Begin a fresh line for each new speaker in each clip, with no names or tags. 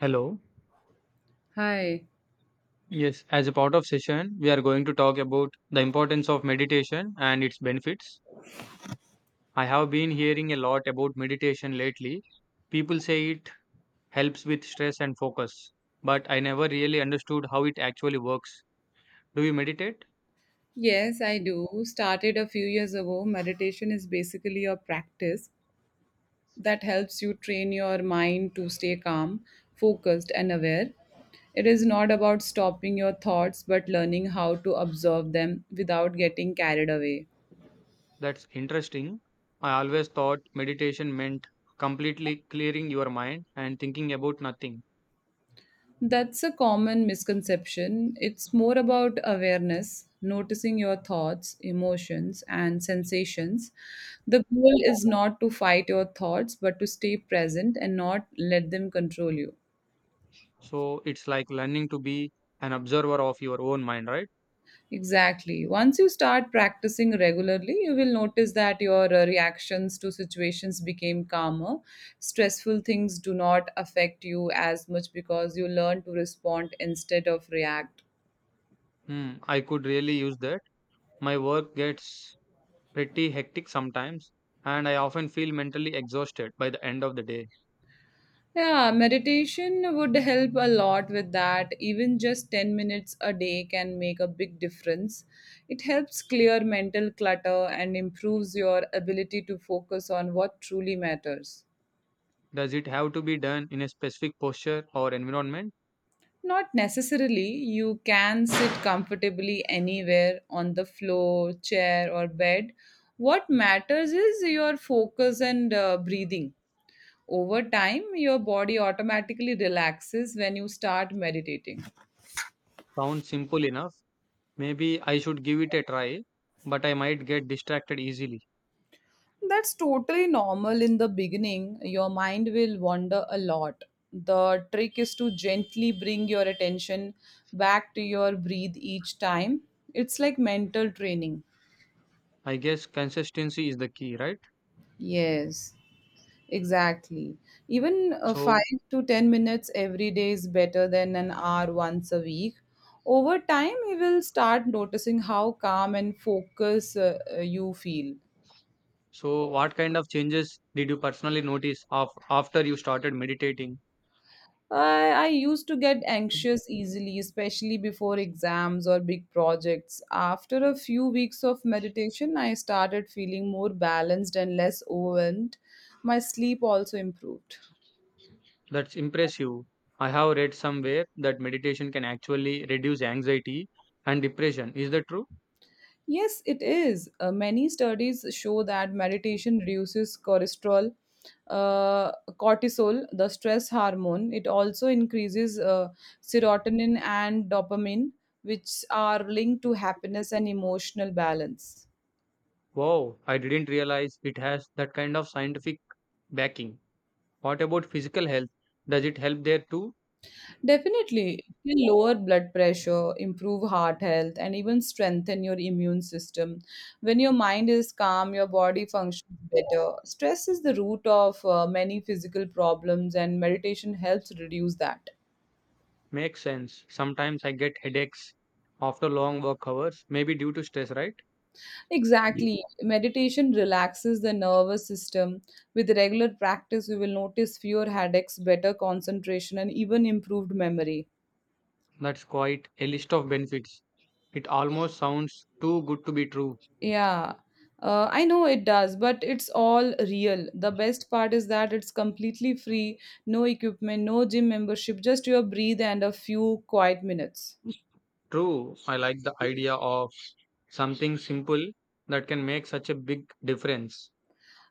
Hello.
Hi.
Yes, as a part of session, we are going to talk about the importance of meditation and its benefits. I have been hearing a lot about meditation lately. People say it helps with stress and focus, but I never really understood how it actually works. Do you meditate?
Yes, I do. Started a few years ago. Meditation is basically a practice that helps you train your mind to stay calm, focused, and aware. It is not about stopping your thoughts, but learning how to observe them without getting carried away.
That's interesting. I always thought meditation meant completely clearing your mind and thinking about nothing.
That's a common misconception. It's more about awareness, noticing your thoughts, emotions, and sensations. The goal is not to fight your thoughts, but to stay present and not let them control you.
So it's like learning to be an observer of your own mind, right?
Exactly. Once you start practicing regularly, you will notice that your reactions to situations became calmer. Stressful things do not affect you as much because you learn to respond instead of react.
Hmm, I could really use that. My work gets pretty hectic sometimes, and I often feel mentally exhausted by the end of the day.
Yeah, meditation would help a lot with that. Even just 10 minutes a day can make a big difference. It helps clear mental clutter and improves your ability to focus on what truly matters.
Does it have to be done in a specific posture or environment?
Not necessarily, you can sit comfortably anywhere on the floor, chair, or bed. What matters is your focus and breathing. Over time, your body automatically relaxes when you start meditating.
Sounds simple enough. Maybe I should give it a try, but I might get distracted easily.
That's totally normal in the beginning. Your mind will wander a lot. The trick is to gently bring your attention back to your breathe each time. It's like mental training.
I guess consistency is the key, right?
Yes, exactly. Even
So,
5 to 10 minutes every day is better than an hour once a week. Over time, you will start noticing how calm and focus you feel.
so what kind of changes did you personally notice of, after you started meditating?
I used to get anxious easily, especially before exams or big projects. After a few weeks of meditation, I started feeling more balanced and less overwhelmed. My sleep also improved.
That's impressive. I have read somewhere that meditation can actually reduce anxiety and depression. Is that true?
Yes, it is. Many studies show that meditation reduces uh, cortisol, the stress hormone. It also increases serotonin and dopamine, which are linked to happiness and emotional balance.
Wow, I didn't realize it has that kind of scientific backing. What about physical health? Does it help there too?
Definitely, it can lower blood pressure, improve heart health, and even strengthen your immune system. When your mind is calm, your body functions better. Stress is the root of many physical problems, and meditation helps reduce that.
Makes sense. Sometimes I get headaches after long work hours, maybe due to stress, right? Ye-
Exactly, meditation relaxes the nervous system. With regular practice, we will notice fewer headaches, better concentration, and even improved memory.
That's quite a list of benefits. It almost sounds too good to be true.
Yeah, I know it does, but it's all real. The best part is that it's completely free, no equipment, no gym membership, just your breathe and a few quiet minutes.
True, I like the idea of something simple that can make such a big difference.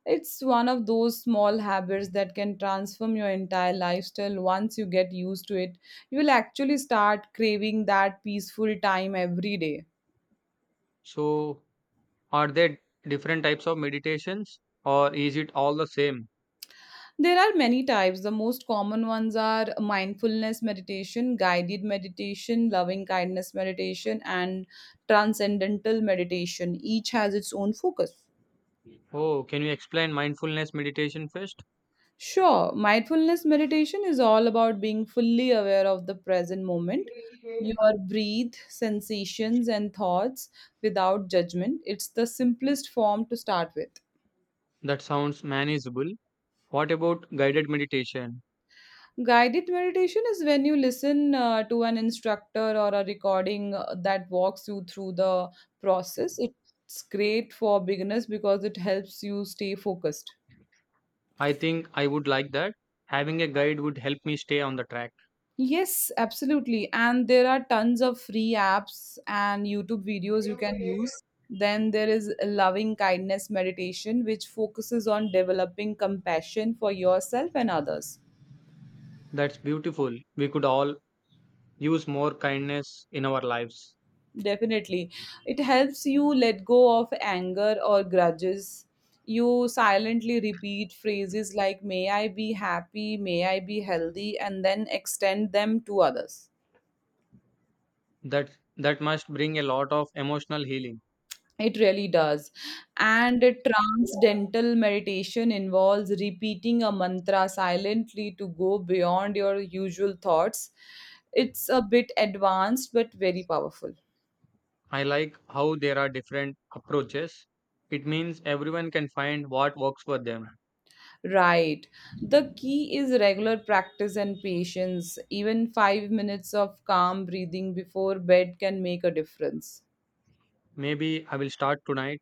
It's one of those small habits that can transform your entire lifestyle once you get used to it. You will actually start craving that peaceful time every day.
So, are there different types of meditations or is it all the same?
There are many types. The most common ones are mindfulness meditation, guided meditation, loving kindness meditation, and transcendental meditation. Each has its own focus.
Oh, can you explain mindfulness meditation first?
Sure, mindfulness meditation is all about being fully aware of the present moment, your breath, sensations, and thoughts without judgment. It's the simplest form to start with.
That sounds manageable. What about guided meditation?
Guided meditation is when you listen to an instructor or a recording that walks you through the process. It's great for beginners because it helps you stay focused.
I think I would like that. Having a guide would help me stay on the track.
Yes, absolutely. And there are tons of free apps and YouTube videos you can use. Then there is loving kindness meditation, which focuses on developing compassion for yourself and others.
That's beautiful. We could all use more kindness in our lives.
Definitely. It helps you let go of anger or grudges. You silently repeat phrases like, May I be happy, may I be healthy, and then extend them to others.
That that must bring a lot of emotional healing.
It really does. And a transcendental meditation involves repeating a mantra silently to go beyond your usual thoughts. It's a bit advanced but very powerful.
I like how there are different approaches. It means everyone can find what works for them.
Right. The key is regular practice and patience. Even 5 minutes of calm breathing before bed can make a difference.
Maybe I will start tonight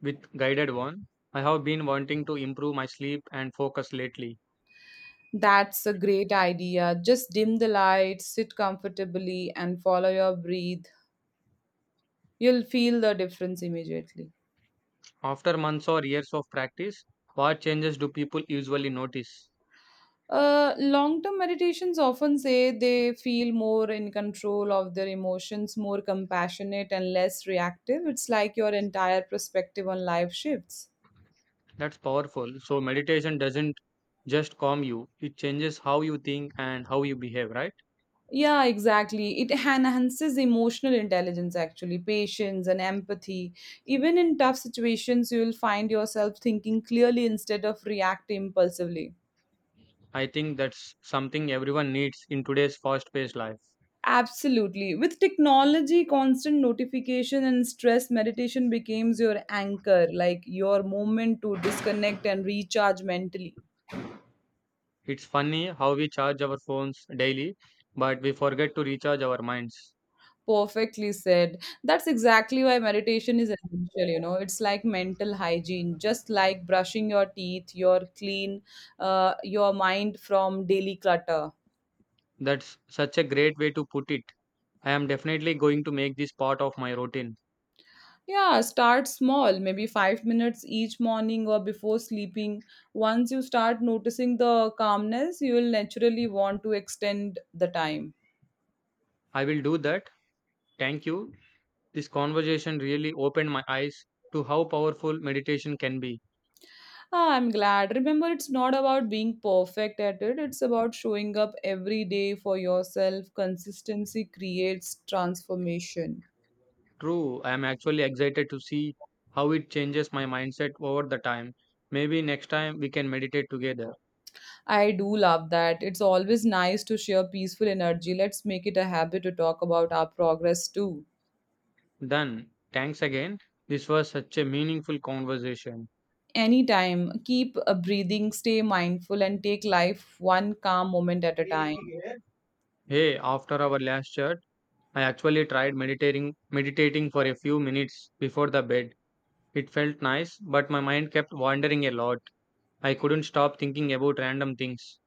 with guided one. I have been wanting to improve my sleep and focus lately.
That's a great idea. Just dim the lights, sit comfortably, and follow your breath. You'll feel the difference immediately.
After months or years of practice, what changes do people usually notice?
Long term meditations often say they feel more in control of their emotions, more compassionate, and less reactive. It's like your entire perspective on life shifts.
That's powerful. So, meditation doesn't just calm you, it changes how you think and how you behave, right?
Yeah, exactly. It enhances emotional intelligence, actually, patience and empathy. Even in tough situations, you'll find yourself thinking clearly instead of reacting impulsively.
I think that's something everyone needs in today's fast paced life.
Absolutely. With technology, constant notification and stress, meditation becomes your anchor, like your moment to disconnect and recharge mentally.
It's funny how we charge our phones daily, but we forget to recharge our minds.
Perfectly said. That's exactly why meditation is essential, you know. It's like mental hygiene, just like brushing your teeth, your mind from daily clutter.
That's such a great way to put it. I am definitely going to make this part of my routine.
Yeah, start small, maybe 5 minutes each morning or before sleeping. Once you start noticing the calmness, you will naturally want to extend the time.
I will do that. Thank you. This conversation really opened my eyes to how powerful meditation can be.
Ah, I'm glad. Remember, it's not about being perfect at it, it's about showing up every day for yourself. Consistency creates transformation.
True, I am actually excited to see how it changes my mindset over the time. Maybe next time we can meditate together.
I do love that. It's always nice to share peaceful energy. Let's make it a habit to talk about our progress too.
Then, thanks again. This was such a meaningful conversation.
Anytime, keep breathing, stay mindful, and take life one calm moment at a time.
Hey, after our last chat, I actually tried meditating for a few minutes before the bed. It felt nice, but my mind kept wandering a lot. I couldn't stop thinking about random things.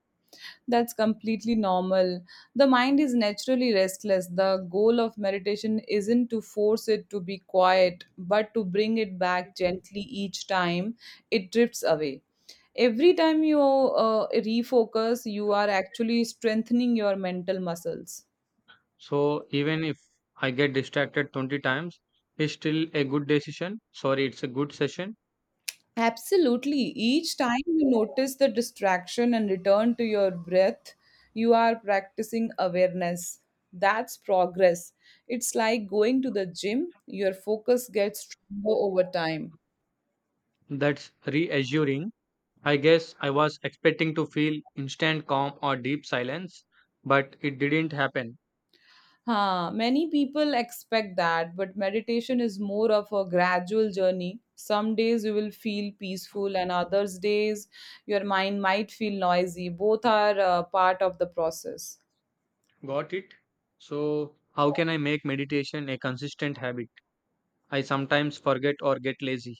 That's completely normal. The mind is naturally restless. The goal of meditation isn't to force it to be quiet, but to bring it back gently each time it drifts away. Every time you refocus, you are actually strengthening your mental muscles.
So even if I get distracted 20 times, it's still a good decision. Sorry, it's a good session.
Absolutely. Each time you notice the distraction and return to your breath, you are practicing awareness. That's progress. It's like going to the gym, your focus gets stronger over time.
That's reassuring. I guess I was expecting to feel instant calm or deep silence, but it didn't happen.
Huh, many people expect that, but meditation is more of a gradual journey. Some days you will feel peaceful, and others days your mind might feel noisy. Both are part of the process.
Got it? So, how can I make meditation a consistent habit? I sometimes forget or get lazy.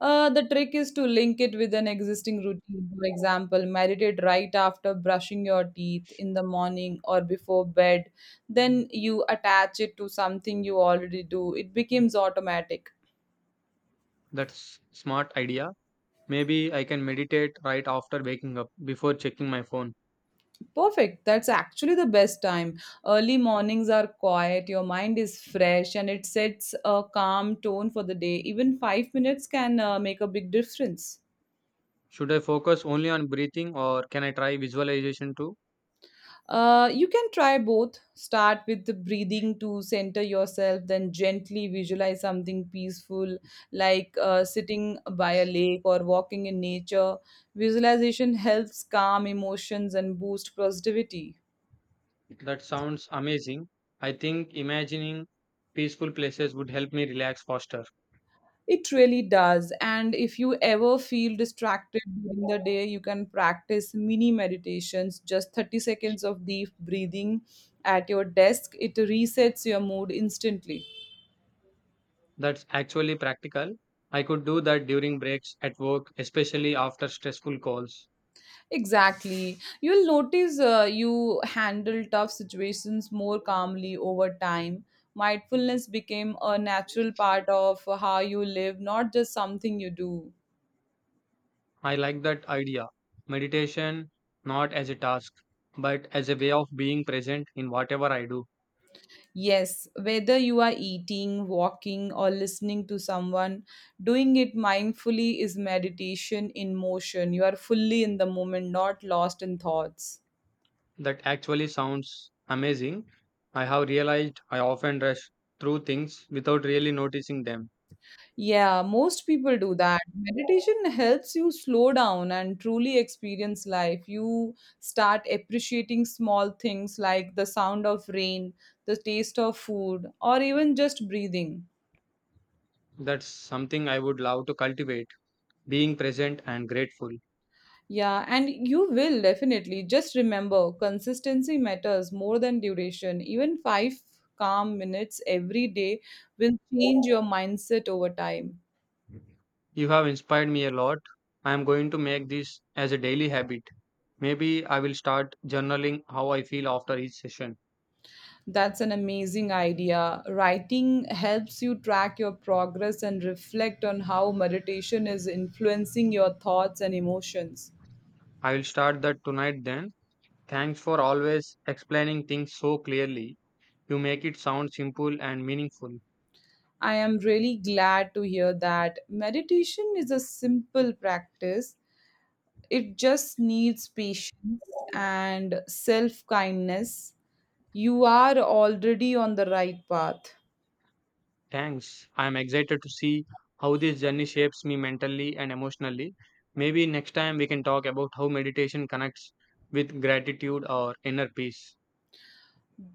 The trick is to link it with an existing routine. For example, meditate right after brushing your teeth in the morning or before bed. Then you attach it to something you already do. It becomes automatic.
That's smart idea. Maybe I can meditate right after waking up before checking my phone.
Perfect. That's actually the best time. Early mornings are quiet, your mind is fresh, and it sets a calm tone for the day. Even 5 minutes can make a big difference.
Should I focus only on breathing or can I try visualization too?
You can try both. Start with the breathing to center yourself, then gently visualize something peaceful like sitting by a lake or walking in nature. Visualization helps calm emotions and boost positivity.
That sounds amazing. I think imagining peaceful places would help me relax faster.
It really does. And if you ever feel distracted during the day, you can practice mini meditations, just 30 seconds of deep breathing at your desk. It resets your mood instantly.
That's actually practical. I could do that during breaks at work, especially after stressful calls.
Exactly. You'll notice you handle tough situations more calmly over time. Mindfulness became a natural part of how you live, not just something you do.
I like that idea. Meditation not as a task, but as a way of being present in whatever I do.
Yes, whether you are eating, walking, or listening to someone, doing it mindfully is meditation in motion. You are fully in the moment, not lost in thoughts.
That actually sounds amazing. I have realized I often rush through things without really noticing them.
Yeah, most people do that. Meditation helps you slow down and truly experience life. You start appreciating small things like the sound of rain, the taste of food, or even just breathing.
That's something I would love to cultivate, being present and grateful.
Yeah, and you will definitely. Just remember, consistency matters more than duration. Even 5 calm minutes every day will change your mindset over time.
You have inspired me a lot. I am going to make this as a daily habit. Maybe I will start journaling how I feel after each session.
That's an amazing idea. Writing helps you track your progress and reflect on how meditation is influencing your thoughts and emotions.
I will start that tonight then. Thanks for always explaining things so clearly. You make it sound simple and meaningful.
I am really glad to hear that. Meditation is a simple practice, it just needs patience and self kindness. You are already on the right path.
Thanks. I am excited to see how this journey shapes me mentally and emotionally. Maybe next time we can talk about how meditation connects with gratitude or inner peace.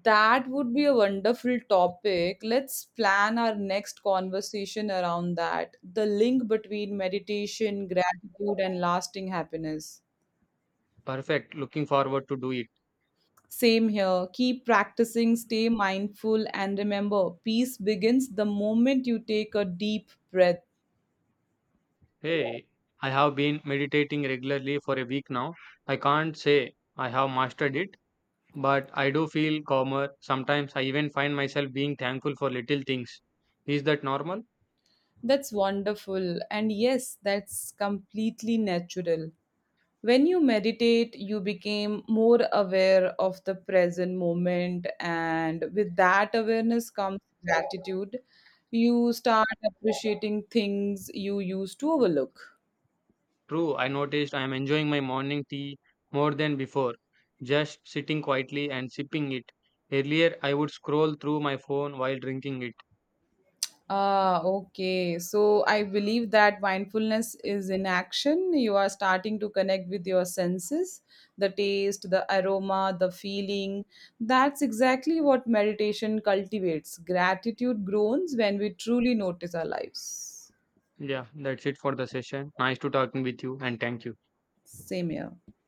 That would be a wonderful topic. Let's plan our next conversation around that. The link between meditation, gratitude, and lasting happiness.
Perfect. Looking forward to do it.
Same here. Keep practicing, stay mindful, and remember peace begins the moment you take a deep breath.
Hey, I have been meditating regularly for a week now. I can't say I have mastered it, but I do feel calmer. Sometimes I even find myself being thankful for little things. Is that normal?
That's wonderful. And yes, that's completely natural. When you meditate, you became more aware of the present moment, and with that awareness comes gratitude. You start appreciating things you used to overlook.
True, I noticed I am enjoying my morning tea more than before, just sitting quietly and sipping it. Earlier, I would scroll through my phone while drinking it.
Ah, okay. So I believe that mindfulness is in action. You are starting to connect with your senses, the taste, the aroma, the feeling. That's exactly what meditation cultivates. Gratitude grows when we truly notice our lives.
Yeah, that's it for the session. Nice to talking with you and thank you.
Same here.